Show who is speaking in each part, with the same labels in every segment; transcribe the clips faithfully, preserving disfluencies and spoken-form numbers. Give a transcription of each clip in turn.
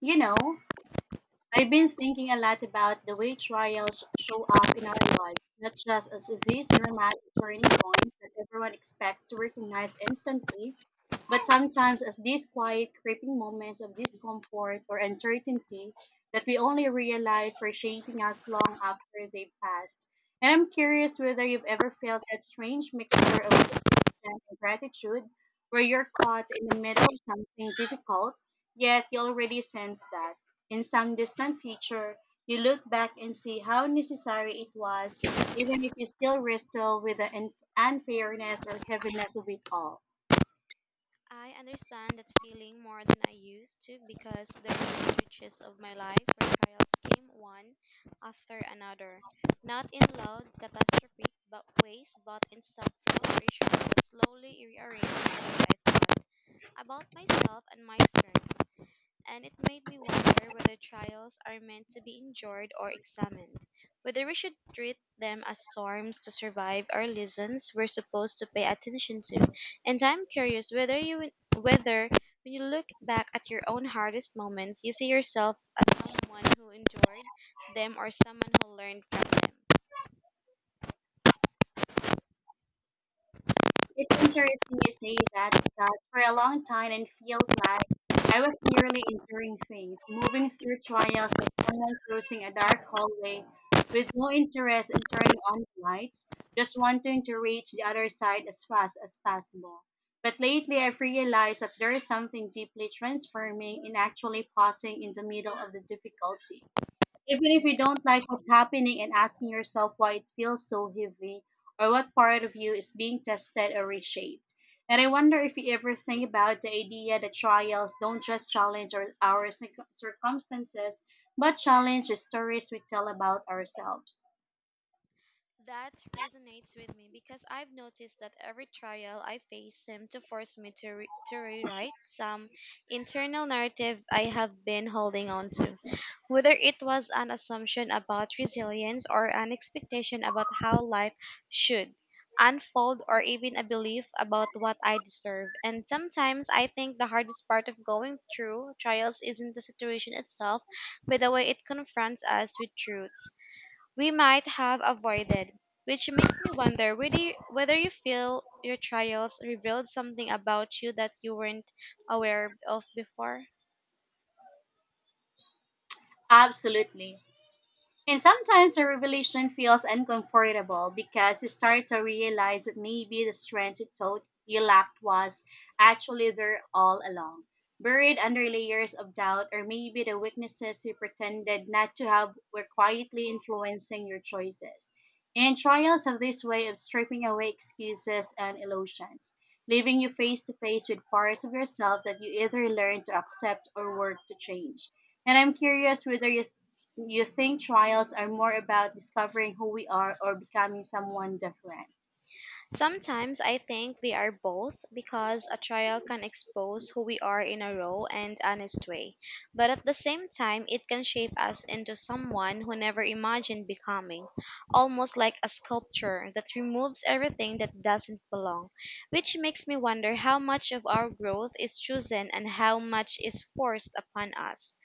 Speaker 1: You know, I've been thinking a lot about the way trials show up in our lives, not just as these dramatic turning points that everyone expects to recognize instantly, but sometimes as these quiet, creeping moments of discomfort or uncertainty that we only realize were shaping us long after they passed. And I'm curious whether you've ever felt that strange mixture of frustration and gratitude where you're caught in the middle of something difficult, yet you already sense that in some distant future, you look back and see how necessary it was, even if you still wrestle with the un- unfairness or heaviness of it all.
Speaker 2: I understand that feeling more than I used to because there were switches of my life where trials came one after another. Not in loud, catastrophic but ways, but in subtle reassurance that slowly rearranged the way I thought about myself and my strength, and it made me wonder whether trials are meant to be endured or examined, whether we should treat them as storms to survive or lessons we're supposed to pay attention to. And I'm curious whether you whether, when you look back at your own hardest moments, you see yourself as someone who endured them or someone who learned from them.
Speaker 1: It's interesting you say that because for a long time it felt like I was merely enduring things, moving through trials like someone crossing a dark hallway with no interest in turning on the lights, just wanting to reach the other side as fast as possible. But lately I've realized that there is something deeply transforming in actually pausing in the middle of the difficulty, even if you don't like what's happening, and asking yourself why it feels so heavy or what part of you is being tested or reshaped. And I wonder if you ever think about the idea that trials don't just challenge our, our circum- circumstances, but challenge the stories we tell about ourselves.
Speaker 2: That resonates with me because I've noticed that every trial I face seemed to force me to, re- to rewrite some internal narrative I have been holding on to, whether it was an assumption about resilience or an expectation about how life should unfold, or even a belief about what I deserve. And sometimes I think the hardest part of going through trials isn't the situation itself, but the way it confronts us with truths we might have avoided, which makes me wonder whether you, whether you feel your trials revealed something about you that you weren't aware of before.
Speaker 1: Absolutely. And sometimes the revelation feels uncomfortable because you start to realize that maybe the strength you thought you lacked was actually there all along, buried under layers of doubt, or maybe the weaknesses you pretended not to have were quietly influencing your choices. And trials have this way of stripping away excuses and illusions, leaving you face to face with parts of yourself that you either learn to accept or work to change. And I'm curious whether you you think trials are more about discovering who we are or becoming someone different.
Speaker 2: Sometimes I think we are both, because a trial can expose who we are in a raw and honest way, but at the same time, it can shape us into someone who never imagined becoming, almost like a sculpture that removes everything that doesn't belong, which makes me wonder how much of our growth is chosen and how much is forced upon us.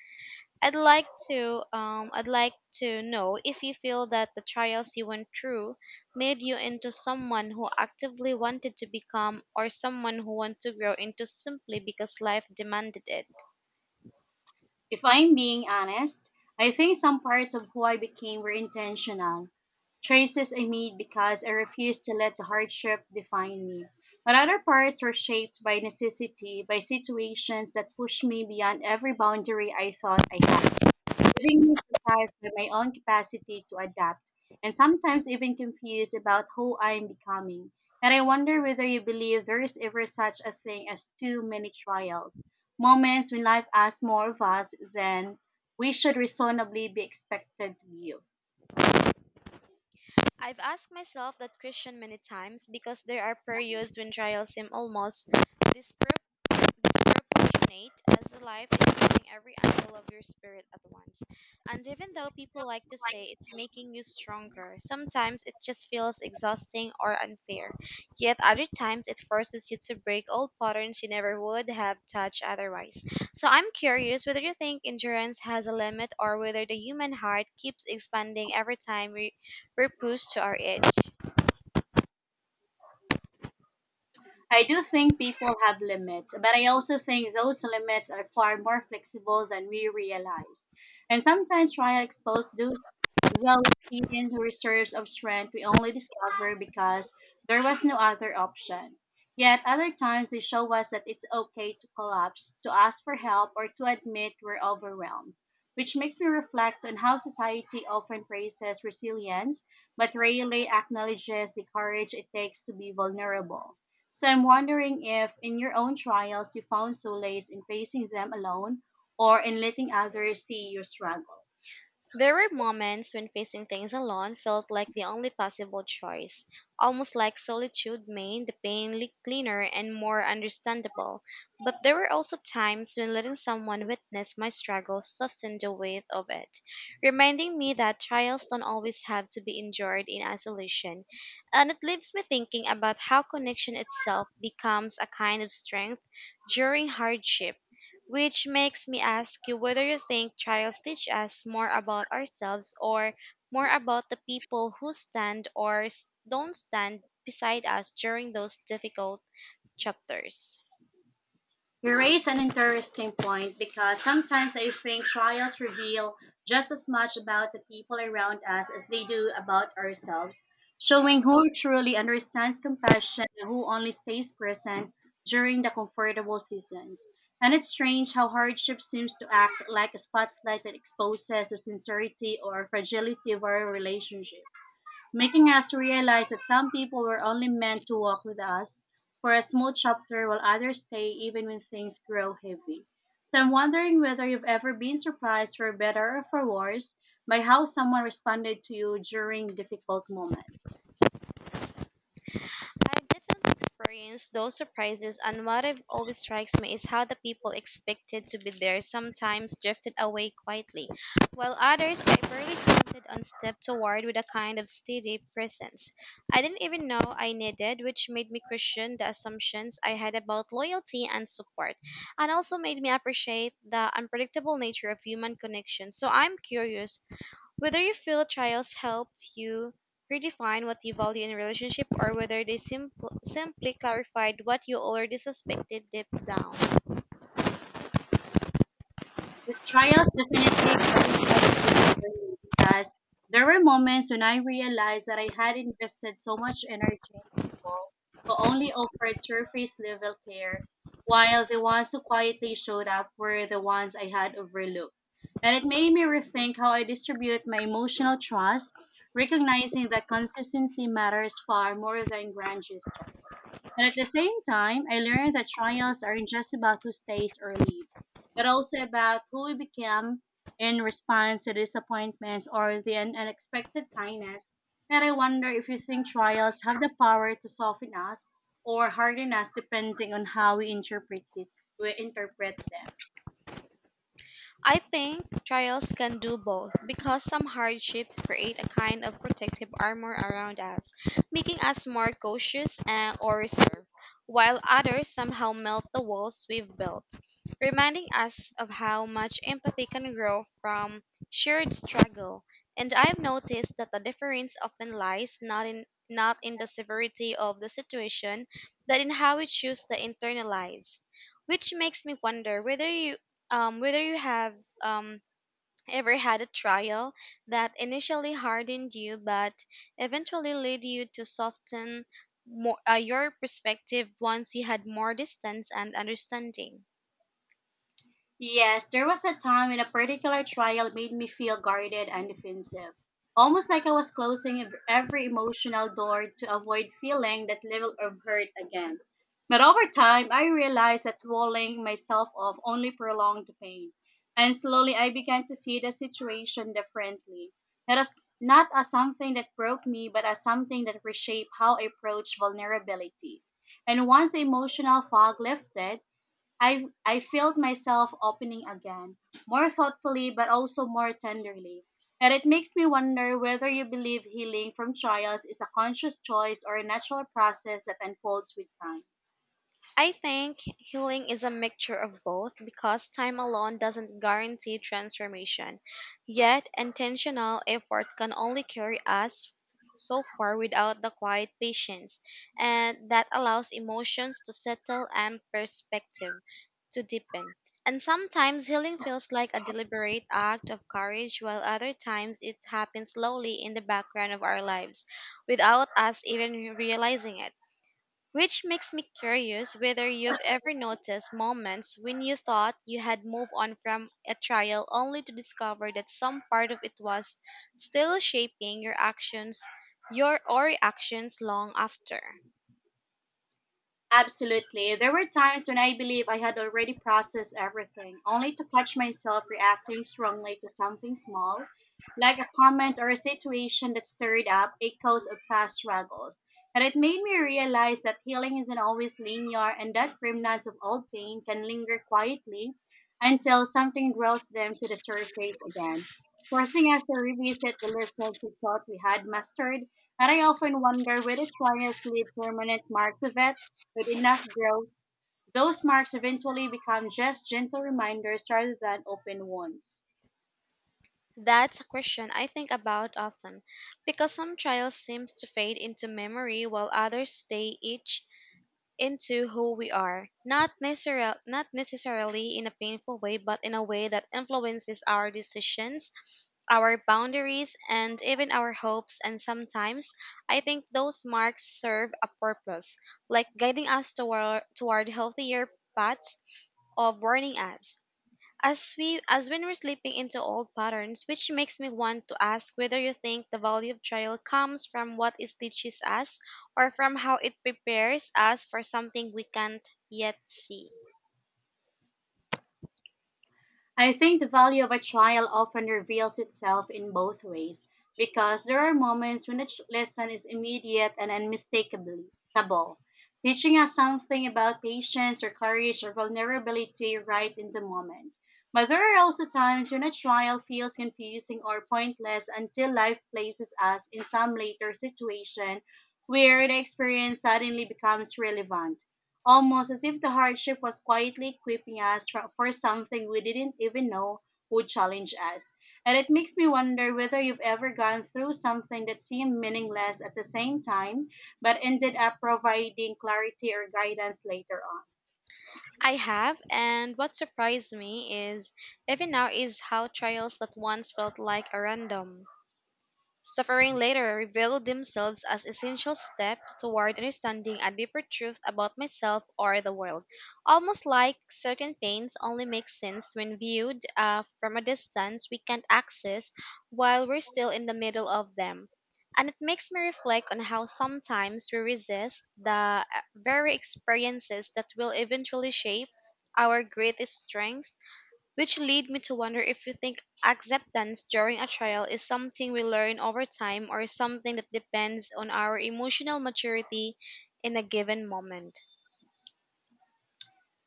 Speaker 2: I'd like to um I'd like to know if you feel that the trials you went through made you into someone who actively wanted to become or someone who wanted to grow into simply because life demanded it.
Speaker 1: If I'm being honest, I think some parts of who I became were intentional, choices I made because I refused to let the hardship define me. But other parts were shaped by necessity, by situations that pushed me beyond every boundary I thought I had, leaving me surprised by my own capacity to adapt and sometimes even confused about who I am becoming. And I wonder whether you believe there is ever such a thing as too many trials, moments when life asks more of us than we should reasonably be expected to give.
Speaker 2: I've asked myself that question many times because there are periods when trials seem almost, that's proportionate, as the life is hitting every angle of your spirit at once. And even though people like to say it's making you stronger, sometimes it just feels exhausting or unfair. Yet other times it forces you to break old patterns you never would have touched otherwise. So I'm curious whether you think endurance has a limit or whether the human heart keeps expanding every time we, we're pushed to our edge.
Speaker 1: I do think people have limits, but I also think those limits are far more flexible than we realize. And sometimes trial to expose those those hidden reserves of strength we only discover because there was no other option. Yet other times they show us that it's okay to collapse, to ask for help, or to admit we're overwhelmed. Which makes me reflect on how society often praises resilience, but rarely acknowledges the courage it takes to be vulnerable. So I'm wondering if in your own trials you found solace in facing them alone or in letting others see your struggle.
Speaker 2: There were moments when facing things alone felt like the only possible choice, almost like solitude made the pain li- cleaner and more understandable. But there were also times when letting someone witness my struggles softened the weight of it, reminding me that trials don't always have to be endured in isolation. And it leaves me thinking about how connection itself becomes a kind of strength during hardship, which makes me ask you whether you think trials teach us more about ourselves or more about the people who stand or s- don't stand beside us during those difficult chapters.
Speaker 1: You raise an interesting point because sometimes I think trials reveal just as much about the people around us as they do about ourselves, showing who truly understands compassion and who only stays present during the comfortable seasons. And it's strange how hardship seems to act like a spotlight that exposes the sincerity or fragility of our relationships, making us realize that some people were only meant to walk with us for a small chapter while others stay even when things grow heavy. So I'm wondering whether you've ever been surprised, for better or for worse, by how someone responded to you during difficult moments.
Speaker 2: I've definitely experienced those surprises, and what I've always strikes me is how the people expected to be there sometimes drifted away quietly, while others I barely counted on stepped toward with a kind of steady presence I didn't even know I needed, which made me question the assumptions I had about loyalty and support, and also made me appreciate the unpredictable nature of human connection. So I'm curious whether you feel trials helped you redefine what you value in a relationship or whether they simpl- simply clarified what you already suspected deep down.
Speaker 1: The trials definitely clarified things for me because there were moments when I realized that I had invested so much energy in people who only offered surface level care, while the ones who quietly showed up were the ones I had overlooked. And it made me rethink how I distribute my emotional trust, recognizing that consistency matters far more than grand gestures. And at the same time, I learned that trials aren't just about who stays or leaves but also about who we became in response to disappointments or the un- unexpected kindness. And I wonder if you think trials have the power to soften us or harden us depending on how we interpret it, we interpret them.
Speaker 2: I think trials can do both, because some hardships create a kind of protective armor around us, making us more cautious and, or reserved, while others somehow melt the walls we've built, reminding us of how much empathy can grow from shared struggle. And I've noticed that the difference often lies not in not in the severity of the situation, but in how we choose to internalize, which makes me wonder whether you um, whether you have um, ever had a trial that initially hardened you but eventually led you to soften more, uh, your perspective, once you had more distance and understanding.
Speaker 1: Yes, there was a time when a particular trial made me feel guarded and defensive, almost like I was closing ev- every emotional door to avoid feeling that level of hurt again. But over time, I realized that walling myself off only prolonged the pain, and slowly I began to see the situation differently. Not as, not as something that broke me, but as something that reshaped how I approach vulnerability. And once the emotional fog lifted, I I felt myself opening again, more thoughtfully but also more tenderly. And it makes me wonder whether you believe healing from trials is a conscious choice or a natural process that unfolds with time.
Speaker 2: I think healing is a mixture of both, because time alone doesn't guarantee transformation. Yet intentional effort can only carry us so far without the quiet patience, and that allows emotions to settle and perspective to deepen. And sometimes healing feels like a deliberate act of courage, while other times it happens slowly in the background of our lives without us even realizing it. Which makes me curious whether you've ever noticed moments when you thought you had moved on from a trial only to discover that some part of it was still shaping your actions, your or reactions long after.
Speaker 1: Absolutely. There were times when I believe I had already processed everything, only to catch myself reacting strongly to something small, like a comment or a situation that stirred up echoes of past struggles. And it made me realize that healing isn't always linear and that remnants of old pain can linger quietly until something draws them to the surface again, forcing us to revisit the lessons we thought we had mastered. And I often wonder whether trials leave permanent marks of it with enough growth, those marks eventually become just gentle reminders rather than open wounds.
Speaker 2: That's a question I think about often because some trials seems to fade into memory while others stay each into who we are. Not necessarily not necessarily in a painful way, but in a way that influences our decisions, our boundaries, and even our hopes. And sometimes I think those marks serve a purpose, like guiding us toward, toward healthier paths, of warning us as we, as when we're slipping into old patterns, which makes me want to ask whether you think the value of trial comes from what it teaches us or from how it prepares us for something we can't yet see.
Speaker 1: I think the value of a trial often reveals itself in both ways because there are moments when a ch- lesson is immediate and unmistakable, teaching us something about patience or courage or vulnerability right in the moment. But there are also times when a trial feels confusing or pointless until life places us in some later situation where the experience suddenly becomes relevant, almost as if the hardship was quietly equipping us for for something we didn't even know would challenge us. And it makes me wonder whether you've ever gone through something that seemed meaningless at the same time, but ended up providing clarity or guidance later on.
Speaker 2: I have, and what surprised me is even now is how trials that once felt like a random suffering later revealed themselves as essential steps toward understanding a deeper truth about myself or the world. Almost like certain pains only make sense when viewed, uh, from a distance we can't access while we're still in the middle of them. And it makes me reflect on how sometimes we resist the uh, very experiences that will eventually shape our greatest strength, which lead me to wonder if you think acceptance during a trial is something we learn over time or something that depends on our emotional maturity in a given moment.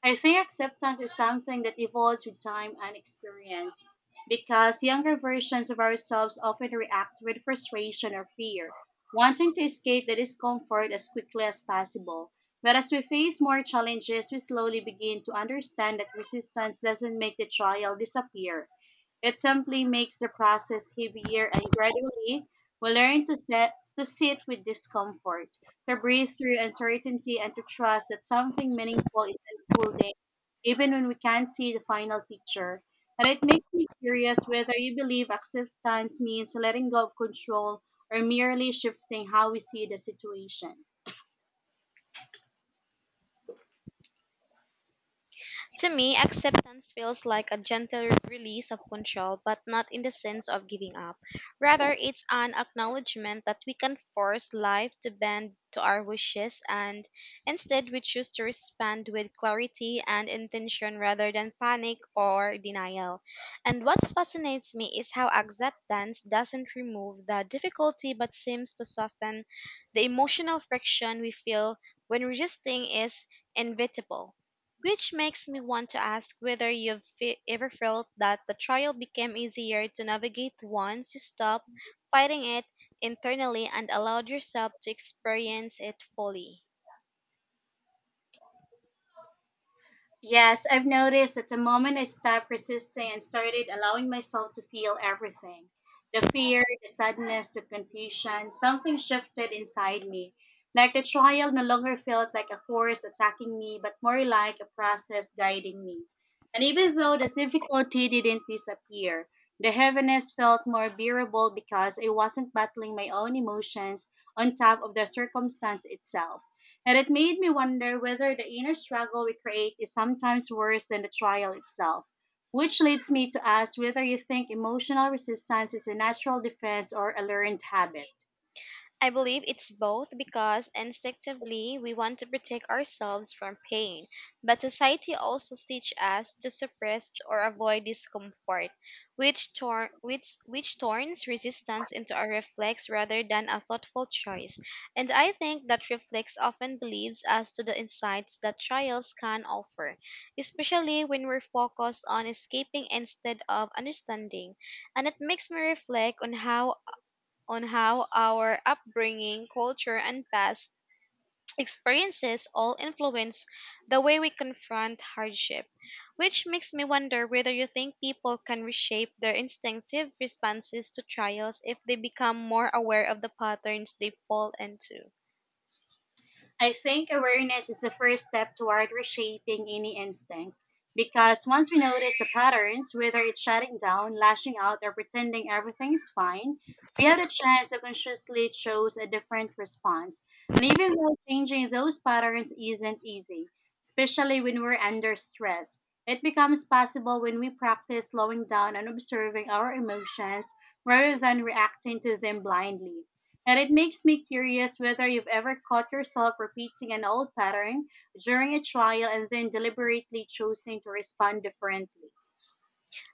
Speaker 1: I think acceptance is something that evolves with time and experience because younger versions of ourselves often react with frustration or fear, wanting to escape the discomfort as quickly as possible. But as we face more challenges, we slowly begin to understand that resistance doesn't make the trial disappear. It simply makes the process heavier, and gradually, we learn to, set, to sit with discomfort, to breathe through uncertainty, and to trust that something meaningful is unfolding, even when we can't see the final picture. And it makes me curious whether you believe acceptance means letting go of control or merely shifting how we see the situation.
Speaker 2: To me, acceptance feels like a gentle release of control, but not in the sense of giving up. Rather, it's an acknowledgement that we can force life to bend to our wishes, and instead we choose to respond with clarity and intention rather than panic or denial. And what fascinates me is how acceptance doesn't remove the difficulty but seems to soften the emotional friction we feel when resisting is inevitable. Which makes me want to ask whether you've fe- ever felt that the trial became easier to navigate once you stopped fighting it internally and allowed yourself to experience it fully.
Speaker 1: Yes, I've noticed that the moment I stopped resisting and started allowing myself to feel everything, the fear, the sadness, the confusion, something shifted inside me. Like the trial no longer felt like a force attacking me, but more like a process guiding me. And even though the difficulty didn't disappear, the heaviness felt more bearable because I wasn't battling my own emotions on top of the circumstance itself, and it made me wonder whether the inner struggle we create is sometimes worse than the trial itself. Which leads me to ask whether you think emotional resistance is a natural defense or a learned habit.
Speaker 2: I believe it's both, because instinctively we want to protect ourselves from pain, but society also teaches us to suppress or avoid discomfort, which, tor- which, which turns resistance into a reflex rather than a thoughtful choice. And I think that reflex often believes us to the insights that trials can offer, especially when we're focused on escaping instead of understanding. And it makes me reflect on how, on how our upbringing, culture, and past experiences all influence the way we confront hardship, which makes me wonder whether you think people can reshape their instinctive responses to trials if they become more aware of the patterns they fall into.
Speaker 1: I think awareness is the first step toward reshaping any instinct. Because once we notice the patterns, whether it's shutting down, lashing out, or pretending everything is fine, we have the chance to consciously choose a different response. And even though changing those patterns isn't easy, especially when we're under stress, it becomes possible when we practice slowing down and observing our emotions rather than reacting to them blindly. And it makes me curious whether you've ever caught yourself repeating an old pattern during a trial and then deliberately choosing to respond differently.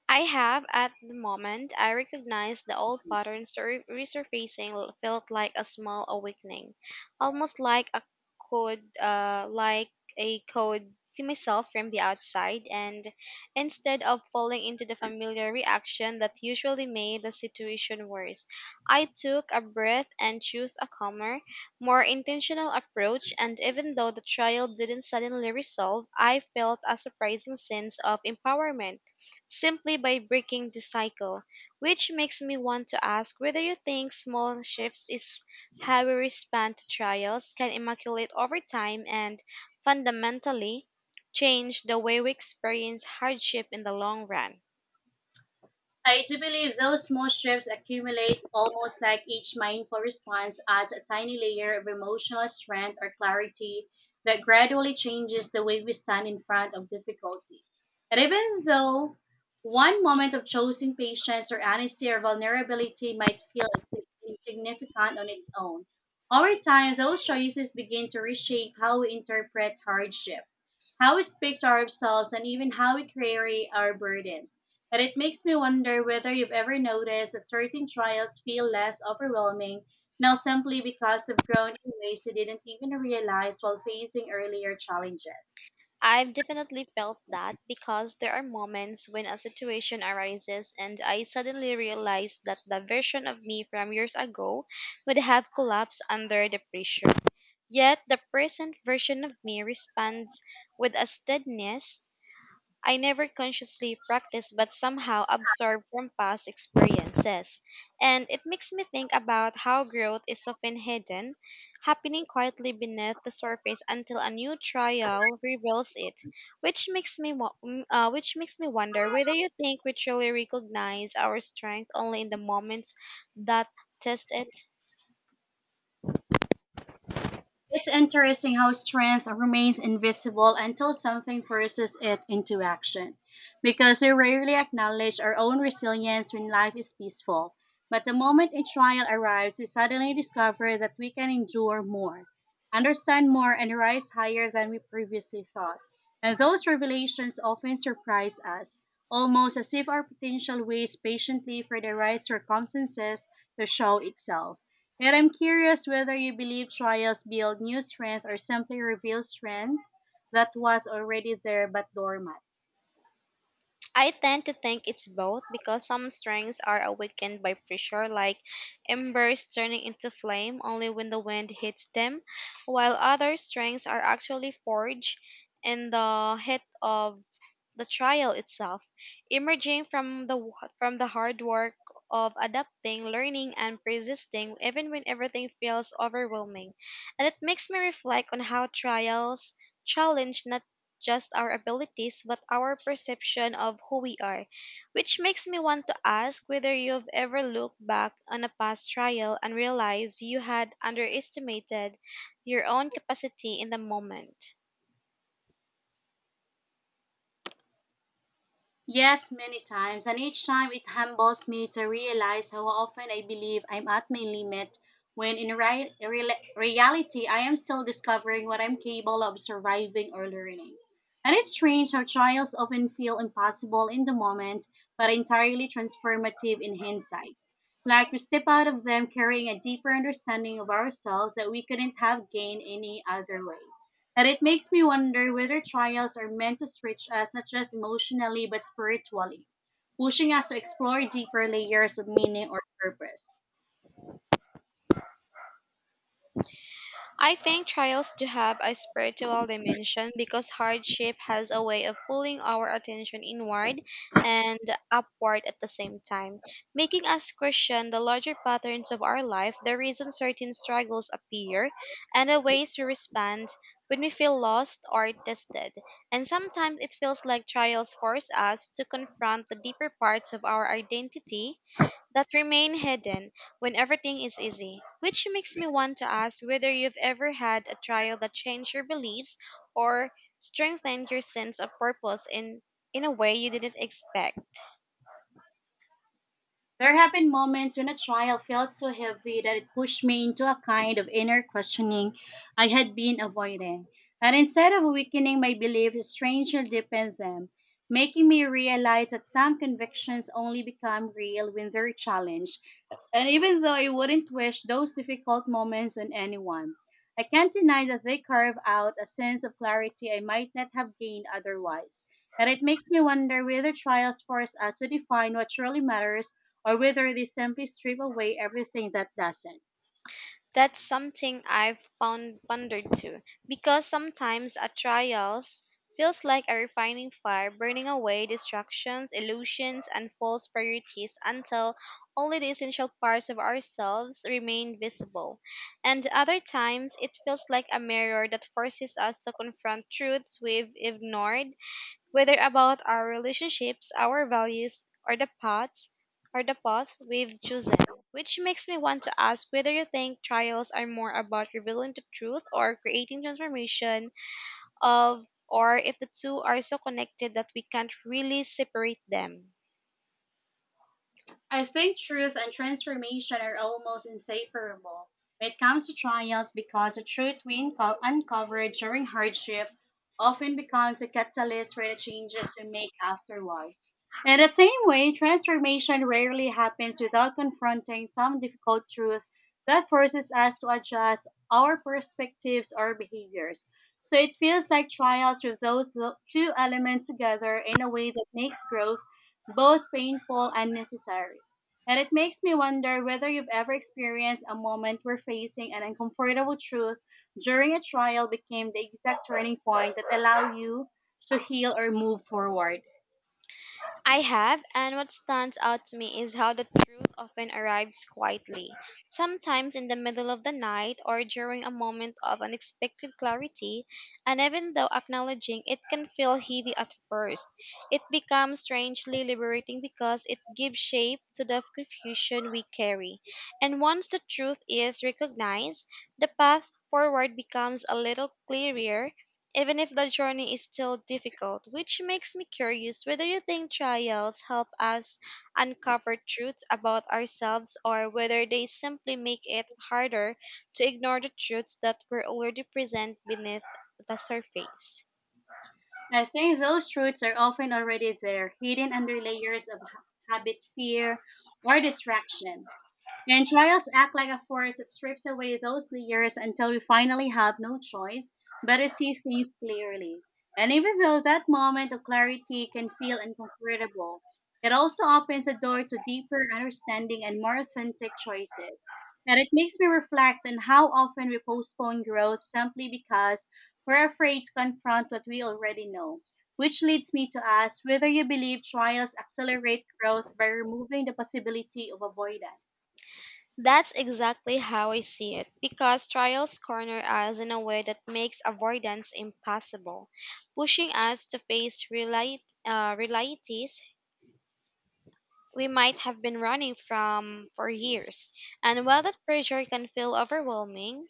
Speaker 2: I have. At the moment I recognized the old patterns to re- resurfacing, l- felt like a small awakening, almost like a code, uh, like a code see myself from the outside, and instead of falling into the familiar reaction that usually made the situation worse, I took a breath and chose a calmer, more intentional approach. And even though the trial didn't suddenly resolve, I felt a surprising sense of empowerment simply by breaking the cycle, which makes me want to ask whether you think small shifts is how we respond to trials can immaculate over time and fundamentally change the way we experience hardship in the long run.
Speaker 1: I do believe those small strips accumulate, almost like each mindful response adds a tiny layer of emotional strength or clarity that gradually changes the way we stand in front of difficulty. And even though one moment of chosen patience or honesty or vulnerability might feel insi- insignificant on its own, over time those choices begin to reshape how we interpret hardship, how we speak to ourselves, and even how we carry our burdens. But it makes me wonder whether you've ever noticed that certain trials feel less overwhelming now simply because you've grown in ways you didn't even realize while facing earlier challenges.
Speaker 2: I've definitely felt that, because there are moments when a situation arises and I suddenly realize that the version of me from years ago would have collapsed under the pressure. Yet the present version of me responds with a steadiness I never consciously practiced but somehow absorbed from past experiences. And it makes me think about how growth is often hidden, happening quietly beneath the surface until a new trial reveals it, which makes me wo- mm, uh, which makes me wonder whether you think we truly recognize our strength only in the moments that test it.
Speaker 1: It's interesting how strength remains invisible until something forces it into action, because we rarely acknowledge our own resilience when life is peaceful. But the moment a trial arrives, we suddenly discover that we can endure more, understand more, and rise higher than we previously thought. And those revelations often surprise us, almost as if our potential waits patiently for the right circumstances to show itself. Yet I'm curious whether you believe trials build new strength or simply reveal strength that was already there but dormant.
Speaker 2: I tend to think it's both, because some strengths are awakened by pressure, like embers turning into flame only when the wind hits them, while other strengths are actually forged in the heat of the trial itself, emerging from the wa- from the hard work of adapting, learning, and persisting, even when everything feels overwhelming. And it makes me reflect on how trials challenge not just our abilities, but our perception of who we are. Which makes me want to ask whether you've ever looked back on a past trial and realized you had underestimated your own capacity in the moment.
Speaker 1: Yes, many times, and each time it humbles me to realize how often I believe I'm at my limit, when in ri- real- reality, I am still discovering what I'm capable of surviving or learning. And it's strange how trials often feel impossible in the moment, but entirely transformative in hindsight. Like we step out of them carrying a deeper understanding of ourselves that we couldn't have gained any other way. And it makes me wonder whether trials are meant to stretch us not just emotionally but spiritually, pushing us to explore deeper layers of meaning or purpose.
Speaker 2: I think trials do have a spiritual dimension because hardship has a way of pulling our attention inward and upward at the same time, making us question the larger patterns of our life, the reasons certain struggles appear, and the ways we respond when we feel lost or tested. And sometimes it feels like trials force us to confront the deeper parts of our identity that remain hidden when everything is easy, which makes me want to ask whether you've ever had a trial that changed your beliefs or strengthened your sense of purpose in, in a way you didn't expect.
Speaker 1: There have been moments when a trial felt so heavy that it pushed me into a kind of inner questioning I had been avoiding. And instead of weakening my belief, it strangely deepened them, making me realize that some convictions only become real when they're challenged. And even though I wouldn't wish those difficult moments on anyone, I can't deny that they carve out a sense of clarity I might not have gained otherwise. And it makes me wonder whether trials force us to define what truly matters or whether they simply strip away everything that doesn't.
Speaker 2: That's something I've found pondered too, because sometimes a trial feels like a refining fire, burning away distractions, illusions, and false priorities until only the essential parts of ourselves remain visible. And other times, it feels like a mirror that forces us to confront truths we've ignored, whether about our relationships, our values, or the paths or the path we've chosen. Which makes me want to ask whether you think trials are more about revealing the truth or creating transformation, of or if the two are so connected that we can't really separate them.
Speaker 1: I think truth and transformation are almost inseparable when it comes to trials, because the truth we unco- uncover during hardship often becomes a catalyst for the changes we make afterward. In the same way, transformation rarely happens without confronting some difficult truth that forces us to adjust our perspectives or behaviors. So it feels like trials with those lo- two elements together in a way that makes growth both painful and necessary. And it makes me wonder whether you've ever experienced a moment where facing an uncomfortable truth during a trial became the exact turning point that allowed you to heal or move forward.
Speaker 2: I have, and what stands out to me is how the truth often arrives quietly, sometimes in the middle of the night or during a moment of unexpected clarity, and even though acknowledging it can feel heavy at first, it becomes strangely liberating because it gives shape to the confusion we carry. And once the truth is recognized, the path forward becomes a little clearer, even if the journey is still difficult, which makes me curious whether you think trials help us uncover truths about ourselves or whether they simply make it harder to ignore the truths that were already present beneath the surface.
Speaker 1: I think those truths are often already there, hidden under layers of ha- habit, fear, or distraction. And trials act like a force that strips away those layers until we finally have no choice but to see things clearly. And even though that moment of clarity can feel uncomfortable, it also opens the door to deeper understanding and more authentic choices. And it makes me reflect on how often we postpone growth simply because we're afraid to confront what we already know. Which leads me to ask whether you believe trials accelerate growth by removing the possibility of avoidance.
Speaker 2: That's exactly how I see it, because trials corner us in a way that makes avoidance impossible, pushing us to face reali- uh, realities we might have been running from for years. And while that pressure can feel overwhelming,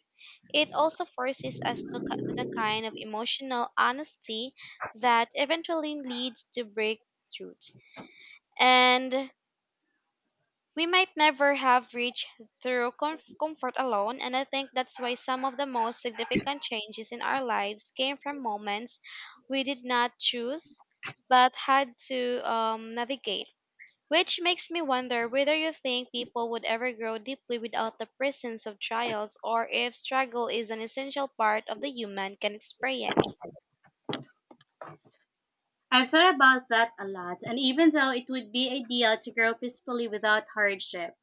Speaker 2: it also forces us to, co- to the kind of emotional honesty that eventually leads to breakthroughs. And we might never have reached through comf- comfort alone, and I think that's why some of the most significant changes in our lives came from moments we did not choose but had to um, navigate, which makes me wonder whether you think people would ever grow deeply without the presence of trials or if struggle is an essential part of the human can experience.
Speaker 1: I've thought about that a lot, and even though it would be ideal to grow peacefully without hardship,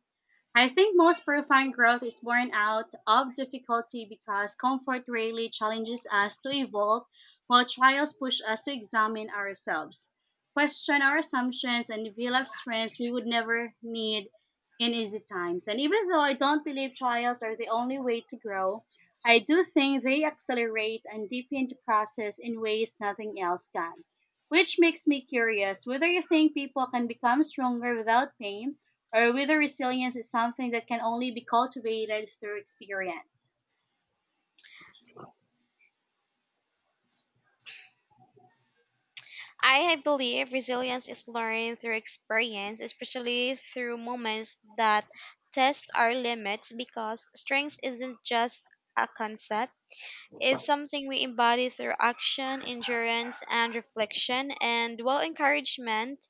Speaker 1: I think most profound growth is born out of difficulty, because comfort rarely challenges us to evolve, while trials push us to examine ourselves, question our assumptions, and develop strengths we would never need in easy times. And even though I don't believe trials are the only way to grow, I do think they accelerate and deepen the process in ways nothing else can. Which makes me curious whether you think people can become stronger without pain, or whether resilience is something that can only be cultivated through experience.
Speaker 2: I believe resilience is learned through experience, especially through moments that test our limits, because strength isn't just a concept. It's something we embody through action, endurance, and reflection. And while encouragement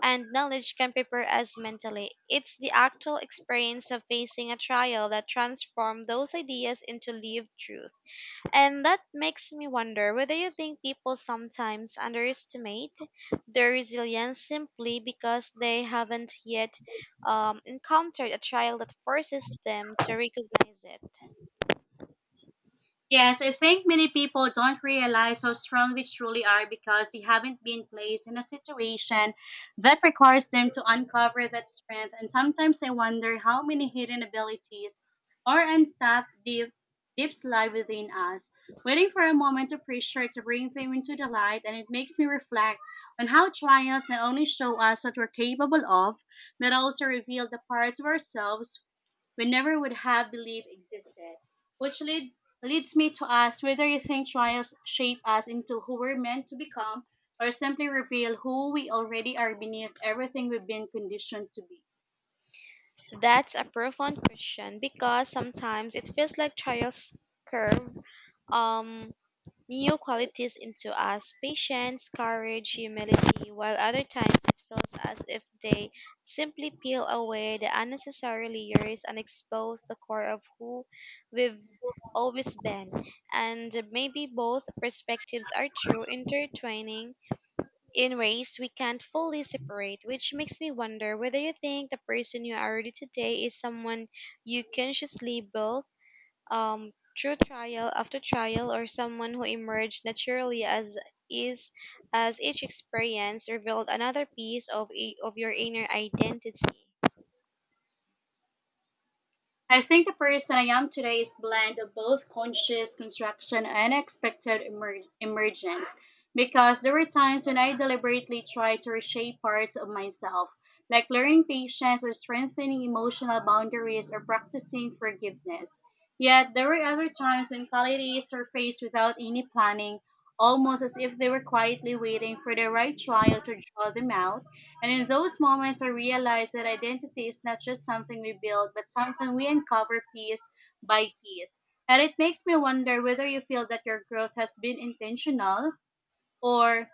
Speaker 2: and knowledge can prepare us mentally, it's the actual experience of facing a trial that transforms those ideas into lived truth. And that makes me wonder whether you think people sometimes underestimate their resilience simply because they haven't yet um, encountered a trial that forces them to recognize it.
Speaker 1: Yes, I think many people don't realize how strong they truly are, because they haven't been placed in a situation that requires them to uncover that strength. And sometimes I wonder how many hidden abilities or untapped deep, deeps lie within us, waiting for a moment of pressure to bring them into the light. And it makes me reflect on how trials not only show us what we're capable of, but also reveal the parts of ourselves we never would have believed existed, which lead, leads me to ask whether you think trials shape us into who we're meant to become, or simply reveal who we already are beneath everything we've been conditioned to be.
Speaker 2: That's a profound question, because sometimes it feels like trials curve um Neo qualities into us, patience, courage, humility, while other times it feels as if they simply peel away the unnecessary layers and expose the core of who we've always been. And maybe both perspectives are true, intertwining in ways we can't fully separate, which makes me wonder whether you think the person you are today is someone you consciously built um, through trial after trial, or someone who emerged naturally as is as each experience revealed another piece of i- of your inner identity.
Speaker 1: I think the person I am today is blend of both conscious construction and expected emer- emergence. Because there were times when I deliberately tried to reshape parts of myself, like learning patience or strengthening emotional boundaries or practicing forgiveness. Yet there were other times when qualities surfaced without any planning, almost as if they were quietly waiting for the right trial to draw them out, and in those moments, I realized that identity is not just something we build, but something we uncover piece by piece. And it makes me wonder whether you feel that your growth has been intentional, or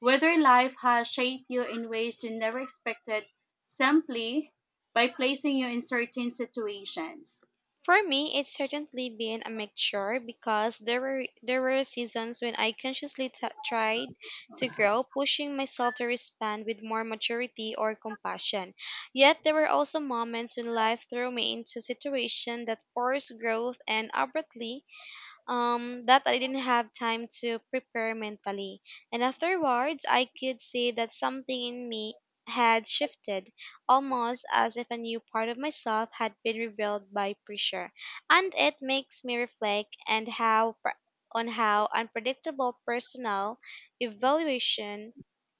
Speaker 1: whether life has shaped you in ways you never expected, simply by placing you in certain situations.
Speaker 2: For me, it's certainly been a mixture, because there were there were seasons when I consciously t- tried to grow, pushing myself to respond with more maturity or compassion. Yet there were also moments when life threw me into situations that forced growth and abruptly, um, that I didn't have time to prepare mentally. And afterwards, I could see that something in me had shifted, almost as if a new part of myself had been revealed by pressure. And it makes me reflect and how pr- on how unpredictable personal evaluation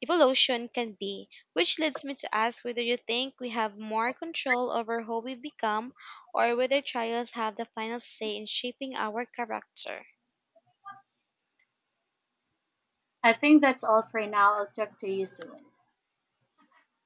Speaker 2: evolution can be, which leads me to ask whether you think we have more control over who we become or whether trials have the final say in shaping our character.
Speaker 1: I think that's all for now. I'll talk to you soon.